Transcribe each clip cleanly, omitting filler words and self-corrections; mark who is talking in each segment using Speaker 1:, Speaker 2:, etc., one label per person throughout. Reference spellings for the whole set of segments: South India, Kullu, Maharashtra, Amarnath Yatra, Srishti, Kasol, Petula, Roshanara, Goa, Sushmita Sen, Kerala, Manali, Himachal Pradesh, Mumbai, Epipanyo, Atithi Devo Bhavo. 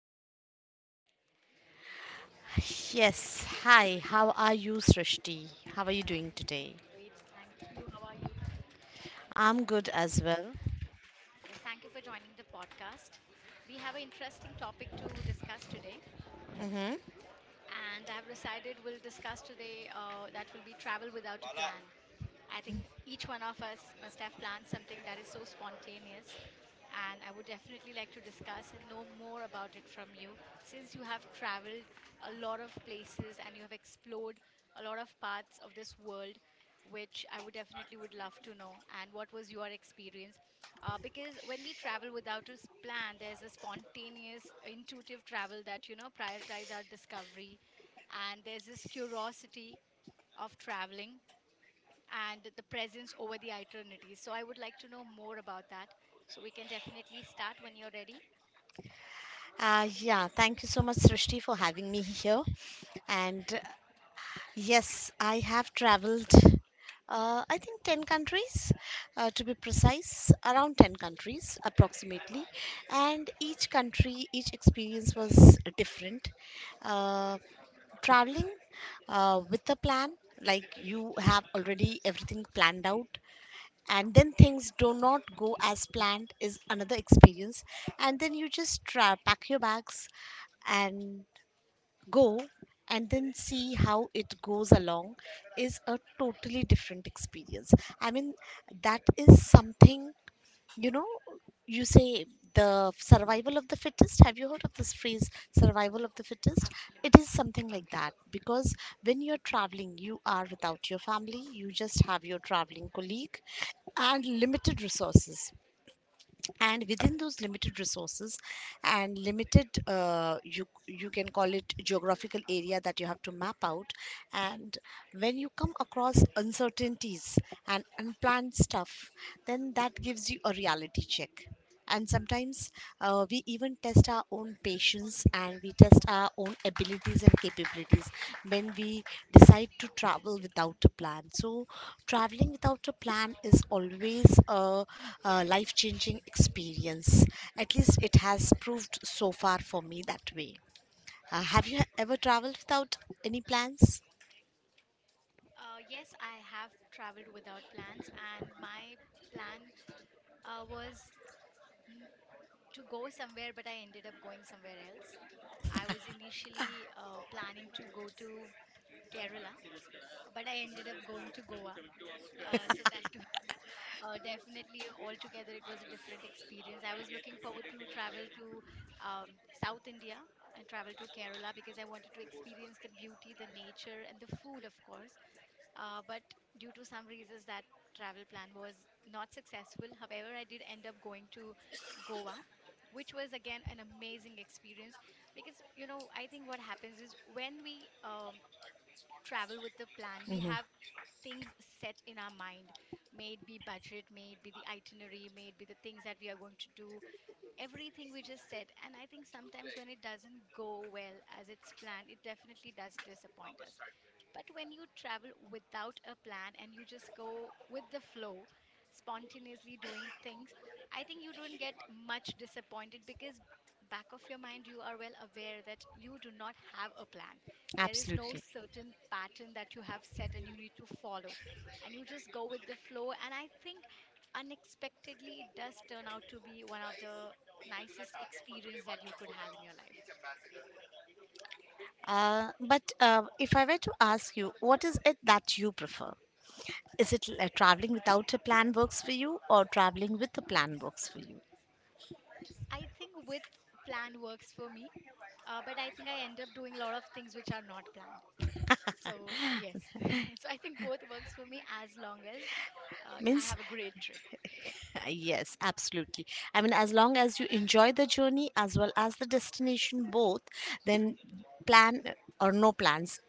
Speaker 1: podcast.
Speaker 2: Yes, hi, how are you, Srishti? How are you doing today?
Speaker 1: Great, thank you. How are you?
Speaker 2: I'm good as well.
Speaker 1: Yes, thank you for joining the podcast. We have an interesting topic to discuss today, and I have decided we'll discuss today that will be travel without a plan. I think each one of us must have planned something that is so spontaneous and I would definitely like to discuss and know more about it from you since you have traveled a lot of places and you have explored a lot of parts of this world, which I would definitely would love to know. And what was your experience? Because when we travel without a plan, there's a spontaneous intuitive travel that prioritize our discovery, and there's this curiosity of traveling and the presence over the eternity. So I would like to know more about that. So we can definitely start when you're ready.
Speaker 2: Yeah, Thank you so much, Srishti, for having me here. And Yes, I have traveled, I think, 10 countries, to be precise, around 10 countries approximately. And each country, each experience was different. Uh, Traveling with a plan, like you have already everything planned out and then things do not go as planned, is another experience. And then you just try, pack your bags and go and then see how it goes along is a totally different experience. I mean, that is something, you know, you say the survival of the fittest. Have you heard of this phrase, survival of the fittest? It
Speaker 1: Absolutely.
Speaker 2: is something like that, because when you're traveling, you are without your family, you just have your traveling colleague and limited resources.
Speaker 1: Correct.
Speaker 2: And within those limited resources and limited you can call it geographical area that you have to map out, and when you come across uncertainties and unplanned stuff, then that gives you a reality check. And sometimes, we even test our own patience and we test our own abilities and capabilities when we decide to travel without a plan. So traveling without a plan is always a life changing experience, at least it has proved so far for me that way. Have you ever
Speaker 1: Absolutely.
Speaker 2: traveled without any plans?
Speaker 1: Yes, I have traveled without plans, and my plan was n- to go somewhere, but I ended up going somewhere else. I was initially planning to go to Kerala, but I ended up going to Goa. That Definitely, altogether, it was a different experience. I was looking forward to travel to South India and travel to Kerala because I wanted to experience the beauty, the nature, and the food, of course. But due to some reasons, that travel plan was not successful. However, I did end up going to Goa, which was again an amazing experience because, I think what happens is when we travel with the plan, we have things set in our mind, may it be budget, may it be the itinerary, may it be the things that we are going to do, everything we just set. And I think sometimes when it doesn't go well as it's planned, it definitely does disappoint us. But when you travel without a plan and you just go with the flow, spontaneously doing things, I think you don't get much disappointed because back of your mind you are well aware that you do not have a plan. There is no
Speaker 2: Absolutely.
Speaker 1: certain pattern that you have set and you need to follow. And you just go with the flow, and I think unexpectedly it does turn out to be one of the nicest experience that you could have in your life.
Speaker 2: But If I were to ask you, what is it that you prefer? Is it traveling without a plan works for you, or traveling with a plan works for you?
Speaker 1: I think with plan works for me, but I think I end up doing a lot of things which are not planned. So yes, so I think both works for me as long as I
Speaker 2: Means
Speaker 1: have a great trip.
Speaker 2: yes, absolutely. I mean, as long as you enjoy the journey as well as the destination, both, then plan or no plans,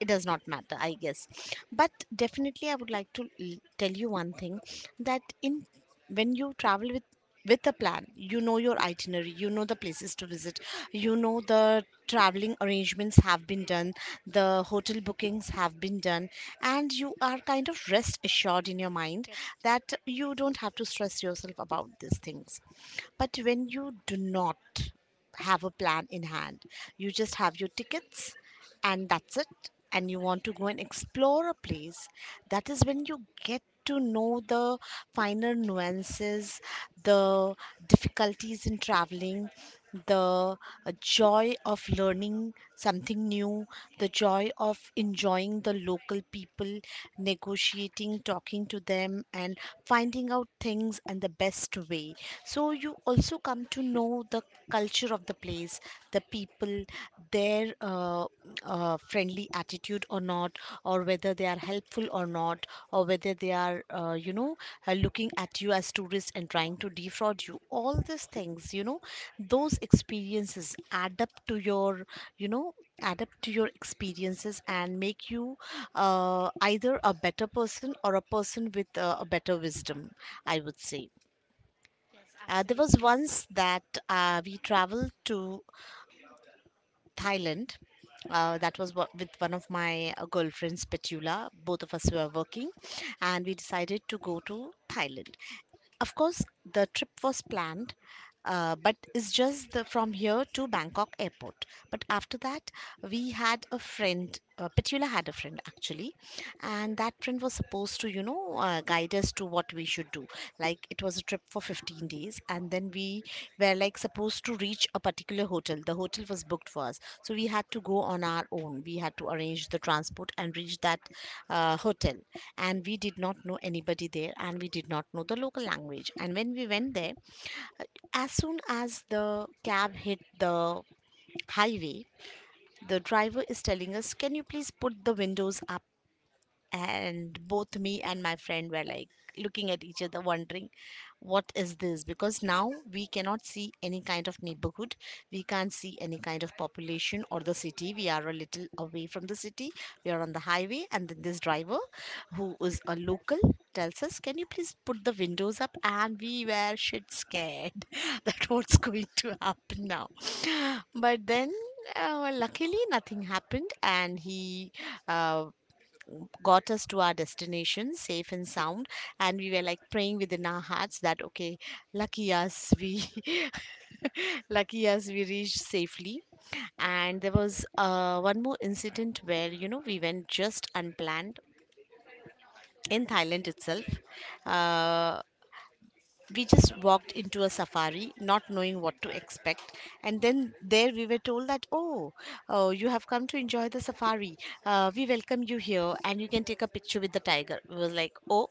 Speaker 2: it does not matter, I guess. But definitely I would like to tell you one thing, that in when you travel with a plan, you know your itinerary, you know the places to visit, you know the traveling arrangements have been done, the hotel bookings have been done, and you are kind of rest assured in your mind,
Speaker 1: Correct.
Speaker 2: that you don't have to stress yourself about these things. But when
Speaker 1: Absolutely.
Speaker 2: you do not have a plan in hand, you just have your tickets, and that's it, and you want to go and explore a place, that is when you get to know the finer nuances, the difficulties in traveling, the joy of learning something new, the
Speaker 1: Correct.
Speaker 2: joy of enjoying the local people, negotiating, talking to them and finding out things and the best way. So you also come to know the culture of the place, the people, their friendly attitude or not, or whether they are helpful or not, or whether they are, you know, looking at you as tourists and trying to defraud you. All these things, those experiences add up to your, you know, add up to your experiences and make you either a better person or a person with a better wisdom, I would say.
Speaker 1: Yes,
Speaker 2: There was
Speaker 1: absolutely.
Speaker 2: once that we traveled to Thailand. That was what, with one of my girlfriends, Petula. Both of us were working, and we decided to go to Thailand. Of course, the trip was planned, but it's just the, from here to Bangkok airport. But after that, we had a friend, Petula had a friend, actually, and that print was supposed to, you know, guide us to what we should do. Like it was a trip for 15 days, and then we were like supposed to reach a particular hotel. The hotel was booked for us, so we had to go on our own, we had to arrange the transport and reach that hotel. And we did not know anybody there, and we did not know the local language. And when we went there, as soon as the cab hit the highway, the driver is telling us, can you please put the windows up? And both me and my friend were like looking at each other wondering, what is this? Because now we cannot see any kind of neighborhood, we can't see any kind of population or the city. We are a little away from the city, we are on the highway, and then this driver, who is a local, tells us, can you please put the windows up? And we were shit scared that what's going to happen now. But then, luckily nothing happened, and he uh, got us to our destination safe and sound. And we were like praying within our hearts that okay, lucky us, we lucky us, we reached safely. And
Speaker 1: Hmm.
Speaker 2: there was one more incident where, you know, we went just unplanned in Thailand itself. uh, we just walked into a safari not knowing what to expect, and then there we were told that, oh, oh, you have come to enjoy the safari, we welcome you here, and you can take a picture with the tiger. We were like, oh,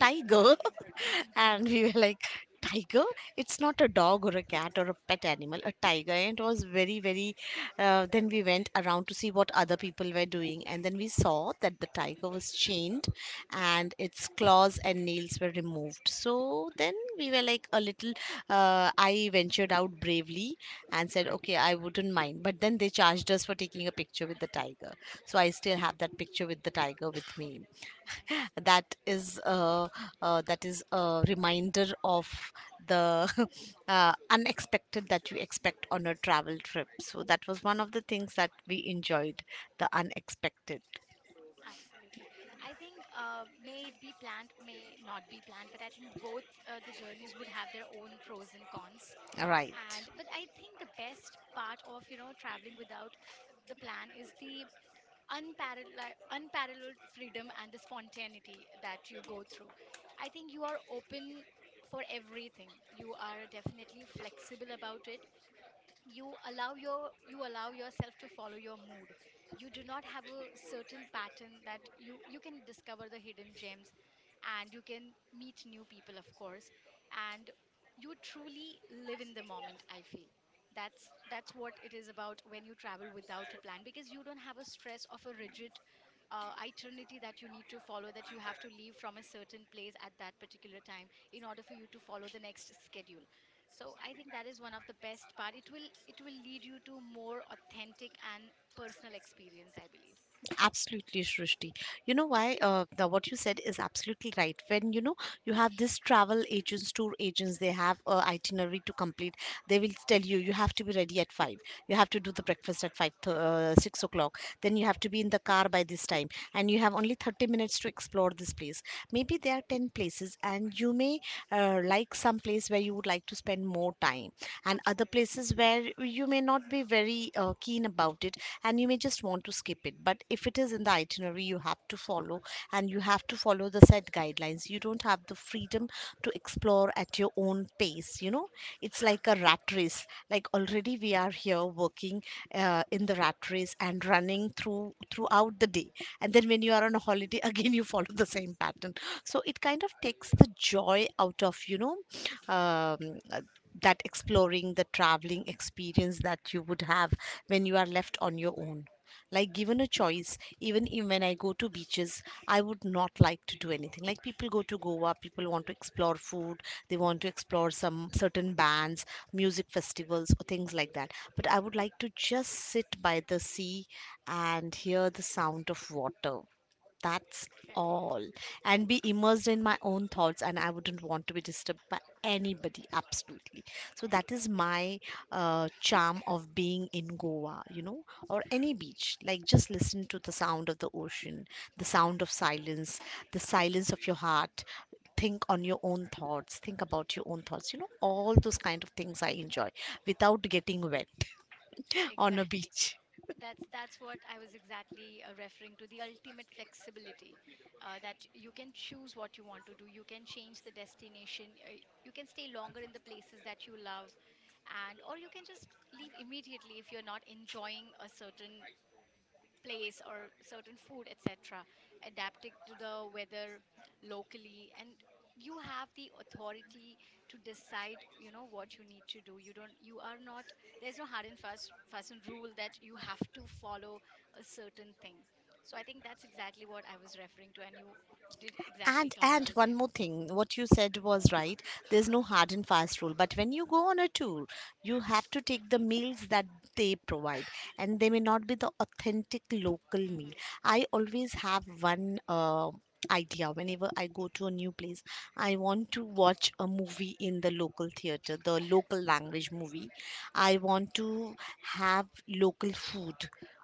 Speaker 2: tiger and we were like, tiger? It's not a dog or a cat or a pet animal, a tiger. And it was very, very then we went around to see what other people were doing, and then we saw that the tiger was chained and its claws and nails were removed. So then we were like a little I ventured out bravely and said, okay, I wouldn't mind. But then they charged us for taking a picture with the tiger. So I still have that picture with the tiger with me.
Speaker 1: Nice.
Speaker 2: That is that is a reminder of the unexpected that you expect on a travel trip. So that was one of the things that we enjoyed, the unexpected.
Speaker 1: Absolutely. I think may it be planned, may not be planned, but I think both the journeys would have their own pros and cons.
Speaker 2: All right.
Speaker 1: And but I think the best part of traveling without the plan is the unparalleled freedom and the spontaneity that you go through. I think you are open for everything. You are definitely flexible about it. You allow yourself to follow your mood. You do not have a certain pattern that you can discover the hidden gems, and you can meet new people, of course. And you truly live in the moment, I feel. That's what it is about when you travel without a plan, because you don't have a stress of a rigid itinerary that you need to follow, that you have to leave from a certain place at that particular time in order for you to follow the next schedule. So I think that is one of the best part. It will lead you to more authentic and personal experience, I believe.
Speaker 2: Absolutely, Srishti. You know why? What you said is absolutely right. When you know, you have this travel agents, tour agents, they have a itinerary to complete. They will tell you you have
Speaker 1: Correct.
Speaker 2: to be ready at five. You have to do the breakfast at five, 6 o'clock. Then you have to be in the car by this time, and you have only 30 minutes to explore this place. Maybe there are 10 places and you may like some place where you would like to spend more time, and other
Speaker 1: Absolutely.
Speaker 2: places where you may not be very keen about it, and you may just want to skip it. But if it is in the itinerary, you have to follow, and you have to follow the set guidelines. You don't have the freedom to explore at your own pace, you know. It's like a rat race. Like already we are here working in the rat race and running through throughout the day, and then when you are on a holiday again you follow the same pattern. So it kind of takes the joy out of, you know, um, uh, that exploring the traveling experience that you would have when you are left on your own. Like given a choice, even if when I go to beaches, I would not like to do anything. Like people go to Goa, people want to explore food, they want to explore some certain bands, music festivals or things like that, but I would like to just sit by the sea and hear the sound of water. That's
Speaker 1: Correct.
Speaker 2: all. And be immersed in my own thoughts, and I wouldn't want to be disturbed by anybody, absolutely. So, that is my charm of being in Goa, you know, or any beach. Like, just listen to the sound of the ocean, the sound of silence, the silence of your heart. Think on your own thoughts, think about your own thoughts, you know, all those kind of things I enjoy without getting wet on a
Speaker 1: Exactly.
Speaker 2: beach.
Speaker 1: That's what I was exactly referring to. The ultimate flexibility, that you can choose what you want to do. You can change the destination. You can stay longer in the places that you love, and or you can just leave immediately if you're not enjoying a certain place or certain food, etc., adapting to the weather locally, and you have the authority to decide what you need to do. You don't you are not There's no hard and fast and rule that you have to follow a certain thing. So I think that's exactly what I was referring to, and you did exactly
Speaker 2: And
Speaker 1: cover
Speaker 2: and
Speaker 1: this
Speaker 2: one
Speaker 1: thing.
Speaker 2: more thing, what you said was right. There's no hard and fast rule, but when you go on a tour, you have to take the meals that they provide, and they may not be the authentic local meal.
Speaker 1: Hmm.
Speaker 2: I always have one idea whenever I go to a new place. I want to watch a movie in the local theater, the local language movie. I want to have local food.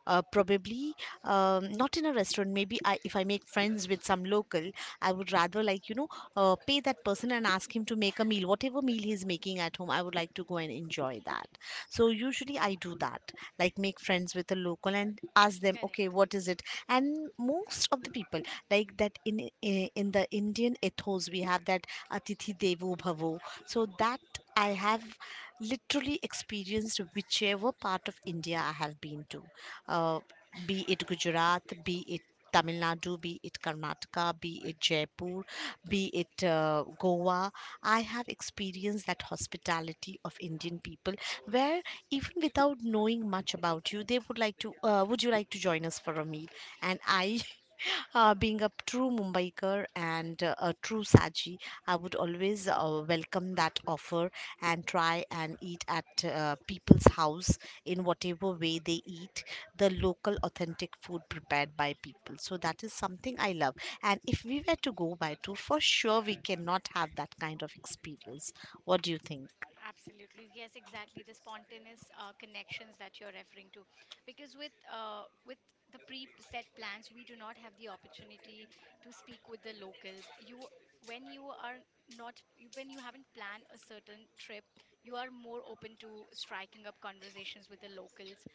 Speaker 2: Probably not in a restaurant. Maybe I, if I make friends with some local, I would rather like, you know, pay that person and ask him to make a meal, whatever meal he's making at home. I would like to go and enjoy that. So usually I do that, like make friends with a local and ask them, okay,
Speaker 1: Correct.
Speaker 2: what is it? And most of the people like that, in the Indian ethos, we have that Atithi Devo Bhavo. So that I have literally experienced whichever part of India I have been to, uh, be it Gujarat, be it Tamil Nadu, be it Karnataka, be it Jaipur, be it Goa. I have experienced that hospitality of Indian people, where even without knowing much about you, they would like to, would you like to join us for a meal? And I, being a true Mumbaiker and a true Saji, I would always welcome that offer and try and eat at people's house in whatever way they eat, the local authentic food prepared by people. So that is something I love. And if we were to go by tour, for sure we cannot have that kind of experience. What do you think?
Speaker 1: Absolutely. Yes, exactly. The spontaneous connections that you're referring to. Because with the pre-set plans, we do not have the opportunity to speak with the locals. You when you are not you- When you haven't planned a certain trip, you are more open to striking up conversations with the locals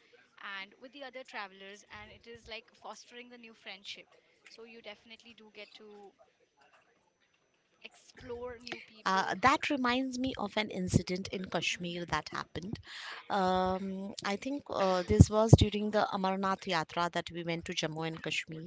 Speaker 1: and with the other travelers, and it is like fostering the new friendship. So you definitely do get to explore new
Speaker 2: Uh,
Speaker 1: people.
Speaker 2: that reminds me of an incident in
Speaker 1: Hmm.
Speaker 2: Kashmir that happened. I think this was during the Amarnath Yatra that we went to Jammu and Kashmir,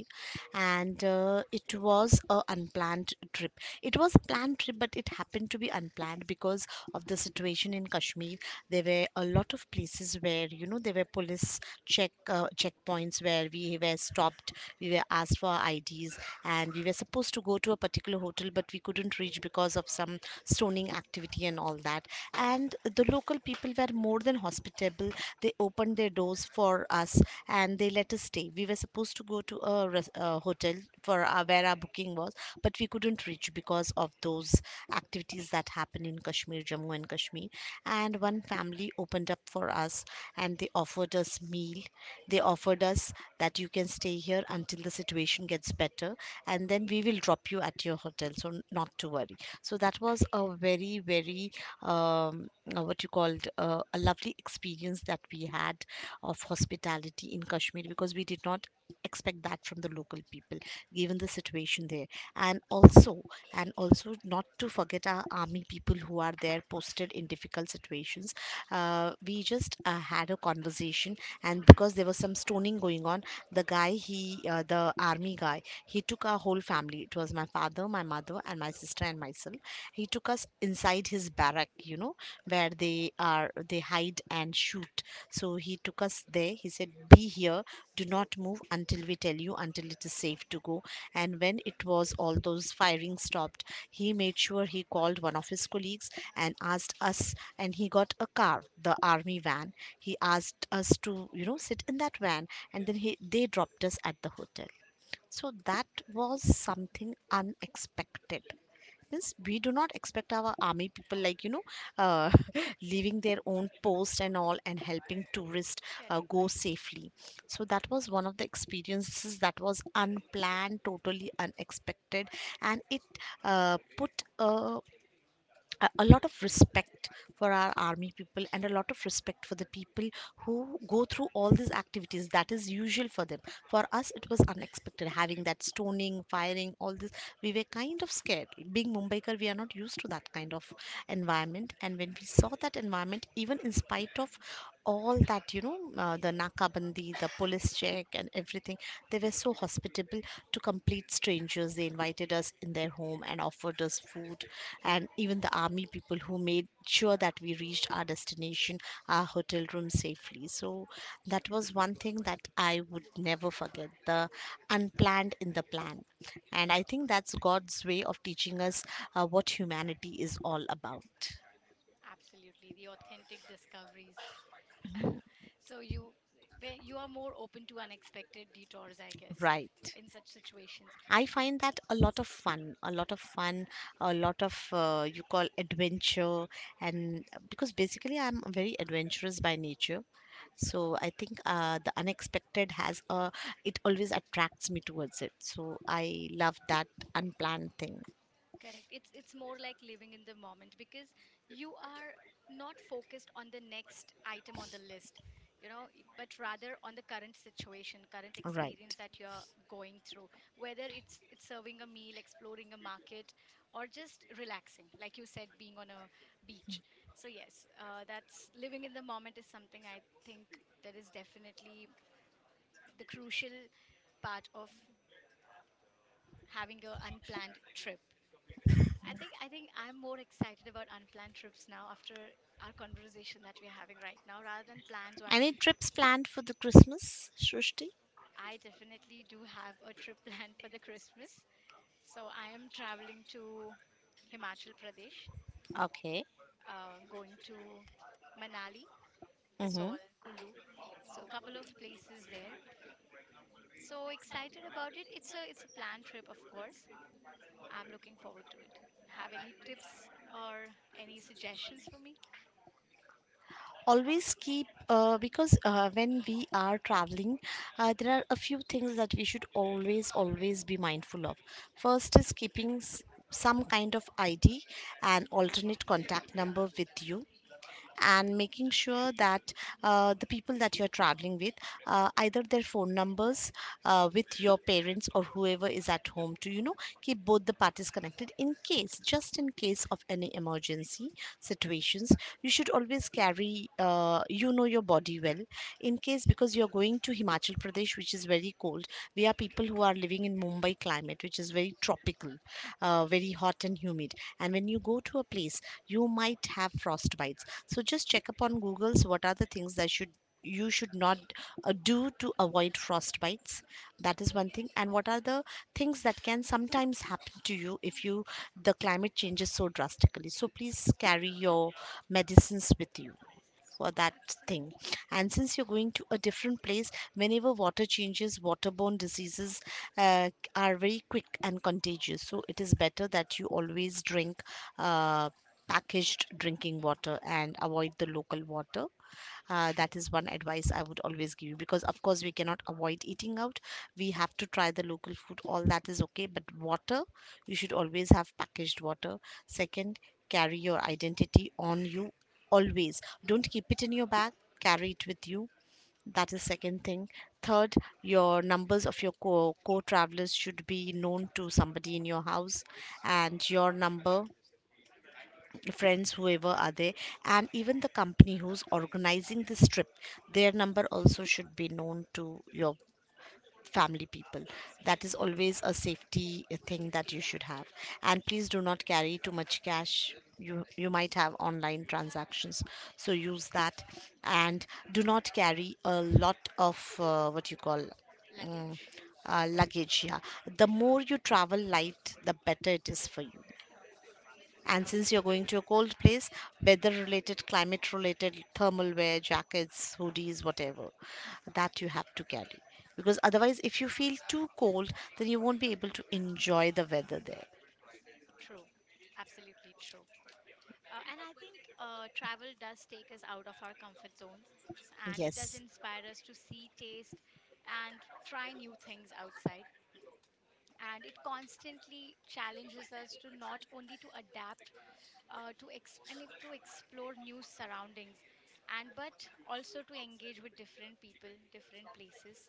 Speaker 2: and it was a unplanned trip. It was a planned trip, but it happened to be unplanned, and because of the situation in Kashmir, there were a lot of places where you know there were police check checkpoints where we were stopped, we were asked for our IDs, and we were supposed to go to a particular hotel, but we couldn't reach because of some stoning activity and all that. And the local people were more than hospitable. They opened their doors for us and they let us stay. We were supposed to go to a, a hotel for our, where our booking was, but we couldn't reach because of those activities that happen in Kashmir, Jammu and Kashmir. And one family opened up for us and they offered us meal. They offered us that you can stay here until the situation gets better and then we will drop you at your hotel. So not to worry. So that was a very, very um, what you called a lovely experience that we had of hospitality in Kashmir, because we did not expect that from the local people given the situation there, and also and also not to forget our army people who are there posted in difficult situations. We just had a conversation, and because there was some stoning going on, the guy, he the army guy, he took our whole family, it was my father, my mother, and my sister and myself. He took us inside his barrack, you know, where they are, they hide and shoot. So he took us there, he said, be here, do not move until we tell you, until it is safe to go. And when it was all those firing stopped, he made sure he called one of his colleagues and asked us, and he got a car, the army van. He asked us to, you know, sit in that van, and then he, they dropped us at the hotel. So that was something unexpected. Means we do not expect our army people, like you know, uh, leaving their own post and all and helping tourists go
Speaker 1: Correct.
Speaker 2: safely. So that was one of the experiences that was unplanned, totally unexpected, and it put a a lot of respect for our army people and a lot of respect for the people who go through all these activities that is usual for them. For us it was unexpected, having that stoning, firing, all this, we were kind of scared. Being mumbaikar, we are not used to that kind of environment, and when we saw that environment, even in spite of all that, you know, the nakabandi, the police check and everything, they were so hospitable to complete strangers. They invited us in their home and offered us food. And even the army people who made sure that we reached our destination, our hotel room safely. So that was one thing that I would never forget, the unplanned in the plan. And I think that's God's way of teaching us what humanity is all about.
Speaker 1: Absolutely. The authentic discoveries. so you Where you are more open to unexpected detours, I guess,
Speaker 2: Right.
Speaker 1: in such situations.
Speaker 2: I find that a lot of fun, a lot of fun, a lot of you call adventure, and because basically I'm very adventurous by nature, so I think the unexpected has a, it always attracts me towards it. So I love that unplanned thing.
Speaker 1: Correct. It's more like living in the moment, because you are not focused on the next item on the list, but rather on the current situation, current experience
Speaker 2: Right.
Speaker 1: that you're going through, whether it's serving a meal, exploring a market, or just relaxing, like you said, being on a beach. So yes, that's living in the moment is something I think that is definitely the crucial part of having a unplanned trip. I think I'm more excited about unplanned trips now after our conversation that we're having right now rather than planned ones.
Speaker 2: Any trips planned for the Christmas, Srushti?
Speaker 1: I definitely do have a trip planned for the Christmas. So I am traveling to Himachal Pradesh,
Speaker 2: Okay.
Speaker 1: going to Manali,
Speaker 2: Mm-hmm.
Speaker 1: Kasol, Kullu. So a couple of places there. So excited about it. It's a planned trip, of course. I'm looking forward to it. Have any tips or any suggestions for me?
Speaker 2: Always keep, because when we are traveling there are a few things that we should always, always be mindful of. First is keeping some kind of ID and alternate contact number with you, and making sure that the people that you're traveling with, either their phone numbers with your parents or whoever is at home to, you know, keep both the parties connected in case, just in case of any emergency situations. You should always carry, you know, your body well in case, because you're going to Himachal Pradesh, which is very cold. We are people who are living in Mumbai climate, which is very tropical, very hot and humid. And when you go to a place, you might have frostbites, so just check up on google's what are the things that should, you should not do to avoid frostbites. That is one thing. And what are the things that can sometimes happen to you if you, the climate changes so drastically, so please carry your medicines with you for that thing.
Speaker 1: Absolutely.
Speaker 2: And since you're going to a different place, whenever water changes, waterborne diseases uh, are very quick and contagious, so it is better that you always drink uh,
Speaker 1: Back
Speaker 2: packaged
Speaker 1: to
Speaker 2: drinking
Speaker 1: hmm.
Speaker 2: water and avoid the local water. That is one advice I would always give you because, of course, we cannot avoid eating out. We have to try the local food, all that is okay. But water, you should always have packaged water. Second, carry your identity on you always. Don't keep it in your bag, carry it with you. That is second thing. Third, your numbers of your co travelers should be known to somebody in your house, and your number, friends, whoever are there, and even the company who's organizing this trip, their number also should be known to your family people. That is
Speaker 1: Absolutely.
Speaker 2: always a safety thing
Speaker 1: Safety,
Speaker 2: that you
Speaker 1: yeah.
Speaker 2: should have. And please do not carry too much cash. You might have online transactions, so use that. And do not carry a lot of what you call, mm,
Speaker 1: Luggage.
Speaker 2: luggage, yeah. The more you travel light, the better it is for you. And since you're
Speaker 1: Okay.
Speaker 2: going to a cold place, weather related, climate related, thermal wear, jackets, hoodies, whatever, that you have to carry. Because otherwise, if you feel too cold, then you won't be able to enjoy the weather there.
Speaker 1: True. Absolutely true. And I think travel does take us out of our comfort zones, and it does
Speaker 2: Yes,
Speaker 1: inspire us to see, taste, and try new things outside. And it constantly challenges us to not only to adapt, to explore new surroundings, and but also to engage with different people, different places,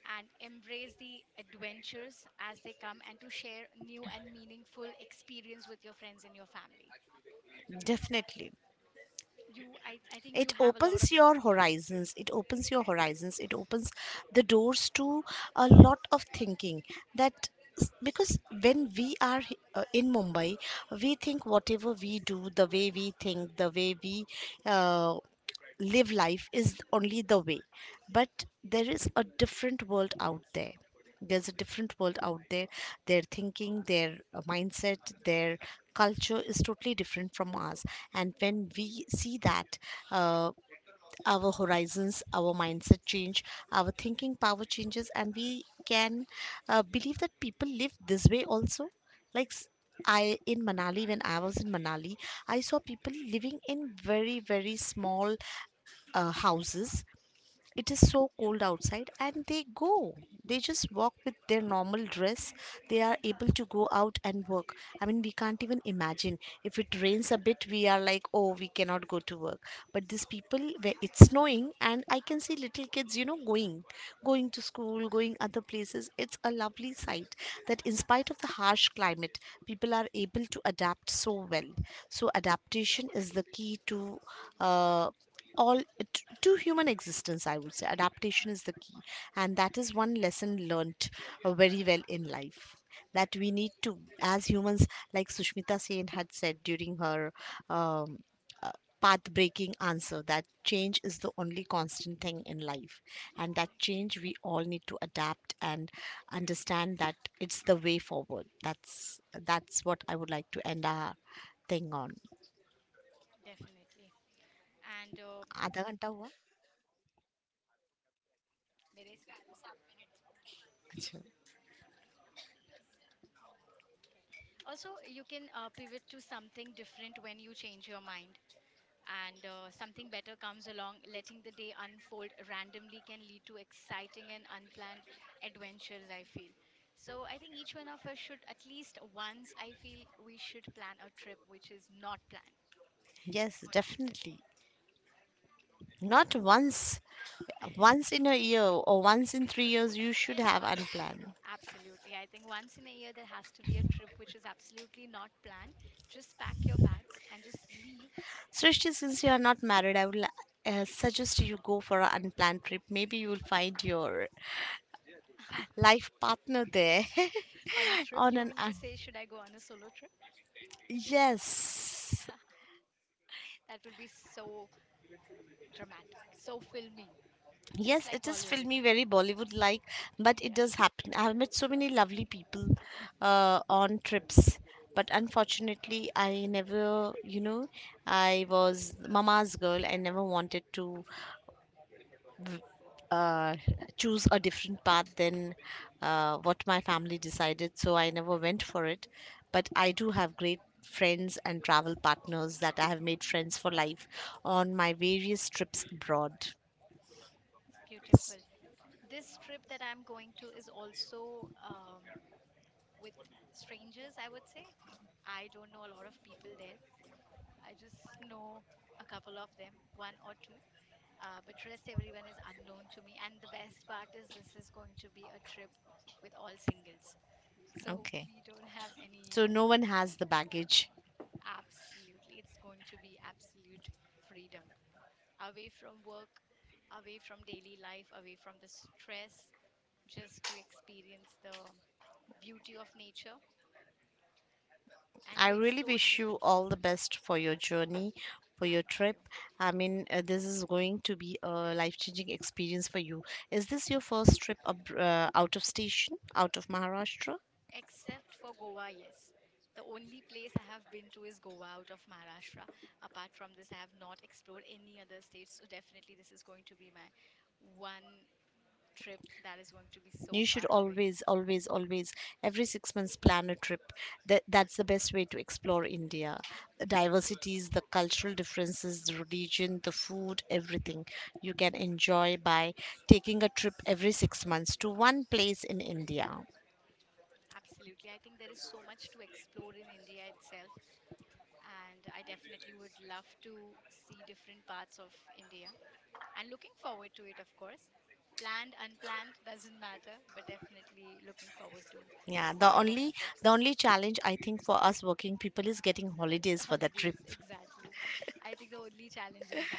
Speaker 1: and embrace the adventures as they come, and to share new and meaningful experience with your friends and your family.
Speaker 2: definitely.
Speaker 1: I think you
Speaker 2: It
Speaker 1: have a lot of
Speaker 2: opens your
Speaker 1: experience.
Speaker 2: horizons, it opens your horizons, it opens the doors to a lot of thinking, that because when we are in mumbai, we think whatever we do, the way we think, the way we uh, live life is only the way. But there is a different world out there, there's a different world out there. Their thinking, their mindset, their culture is totally different from ours. And when we see that, uh, our horizons, our mindset change, our thinking power changes, and we can believe that people live this way also. Like I in Manali, when I was in Manali, I saw people living in very, very small houses. It is so cold outside and they go, they just walk with their normal dress, they are able to go out and work. I mean we can't even imagine, if it rains a bit we are like, oh, we cannot go to work. But these people where it's snowing, and I can see little kids, you know, going going to school, going other places, it's a lovely sight, that in spite of the harsh climate, people are able to adapt so well. So adaptation is the key to uh, to human existence, I would say adaptation is the key. And that is one lesson learnt very well in life, that we need to as humans, like Sushmita Sen had said during her um, uh, path breaking answer, that change is the only constant thing in life. And that
Speaker 1: Correct.
Speaker 2: change we all need to adapt and understand that, it's the way forward. That's what I would like to end our thing on.
Speaker 1: Definitely. And
Speaker 2: आधा घंटा हुआ.
Speaker 1: मेरे इस पे आ-
Speaker 2: अच्छा.
Speaker 1: okay. Also, you can pivot to something different when you change your mind, and something better comes along. Letting the day unfold randomly can lead to exciting and unplanned adventures, I feel. So I think each one of us should, at least once, I feel we should plan a trip which is not planned.
Speaker 2: Yes,
Speaker 1: What do you say?
Speaker 2: definitely. Not once, once in a year or once in 3 years, you should
Speaker 1: Yes,
Speaker 2: have
Speaker 1: once.
Speaker 2: unplanned.
Speaker 1: Absolutely. I think once in a year there has to be a trip which is absolutely not planned. Just pack your bags and just leave
Speaker 2: Srishti, since you are not married, I will suggest you go for an unplanned trip. Maybe you will find your life partner there
Speaker 1: on a trip. You
Speaker 2: on an
Speaker 1: mean to say, should I go on a solo trip?
Speaker 2: yes.
Speaker 1: That would be so dramatic, so filmy. Just
Speaker 2: Yes,
Speaker 1: like
Speaker 2: it is
Speaker 1: Bollywood.
Speaker 2: filmy, very Bollywood like, but it
Speaker 1: Yeah,
Speaker 2: does happen. I have met so many lovely people on trips, but unfortunately, I never, you know, I was mama's girl. I never wanted to uh, choose a different path than what my family decided, so I never went for it. But I do have great friends and travel partners that I have made friends for life on my various trips abroad.
Speaker 1: beautiful. This trip that I'm going to is also with strangers, I would say. I don't know a lot of people there. I just know a couple of them, one or two. But rest, everyone is unknown to me. And the best part is this is going to be a trip with all singles. So
Speaker 2: Okay.
Speaker 1: we don't have any,
Speaker 2: So no one has the baggage.
Speaker 1: absolutely, it's going to be absolute freedom. Away from work, away from daily life, away from the stress, just to experience the beauty of nature and to
Speaker 2: I really
Speaker 1: explore new
Speaker 2: wish you
Speaker 1: things.
Speaker 2: all the best for your journey, for your
Speaker 1: Thank you.
Speaker 2: trip. I mean, this is going to be a life changing experience for you. Is this your first trip out of station, out of Maharashtra?
Speaker 1: Except for Goa, yes. The only place I have been to is Goa out of Maharashtra. Apart from this, I have not explored any other states. So definitely, this is going to be my one trip that is going to be so
Speaker 2: You
Speaker 1: far
Speaker 2: should
Speaker 1: away.
Speaker 2: always, always, always, every 6 months plan a trip. That, that's the best way to explore India. The diversities, the cultural differences, the religion, the food, everything you can enjoy by taking a trip every 6 months to one place in India.
Speaker 1: Absolutely. I think there is so much to explore in India itself. And I definitely would love to see different parts of India. And looking forward to it, of course. Planned, unplanned, doesn't matter, but definitely looking forward to
Speaker 2: Yeah, the
Speaker 1: going on
Speaker 2: only,
Speaker 1: trips.
Speaker 2: the only challenge I think for us working people is getting holidays for that
Speaker 1: Holidays,
Speaker 2: trip.
Speaker 1: exactly. I think the only challenge is that.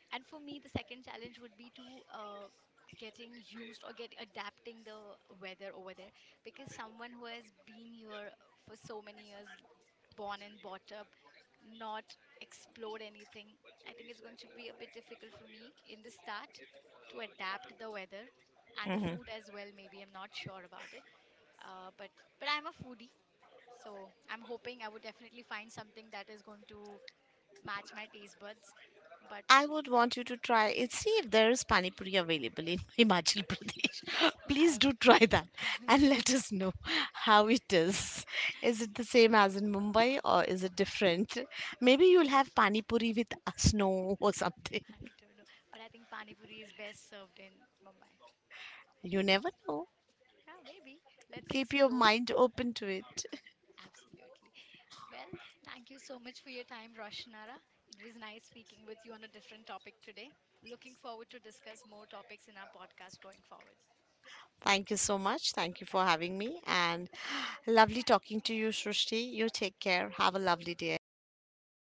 Speaker 1: And for me, the second challenge would be to uh, getting used or get adapting the weather over there, because someone who has been here for so many years, born and brought up, not explore anything. I think it's going to be a bit difficult for me in the start to adapt the weather and the food
Speaker 2: Mhm.
Speaker 1: as well. Maybe I'm not sure about it, uh, but but I'm a foodie, so I'm hoping I would definitely find something that is going to match my taste buds. But
Speaker 2: I would want you to try it. See if there is pani puri available in Himachal Pradesh. Please do
Speaker 1: I
Speaker 2: try that and let us know how it is. Is it the same as in Mumbai or is it different? Maybe you'll have pani puri with snow or something.
Speaker 1: I don't know. But I think pani puri is best served in Mumbai.
Speaker 2: You never know.
Speaker 1: Yeah, maybe. Let's
Speaker 2: Keep your
Speaker 1: explore.
Speaker 2: mind open to it.
Speaker 1: Absolutely. Well, thank you so much for your time, Roshanara. It was nice speaking with you on a different topic today. Looking forward to discuss more topics in our podcast going forward.
Speaker 2: Thank you so much. Thank you for having me and lovely talking to you, Srushti. You take care. Have a lovely day ahead.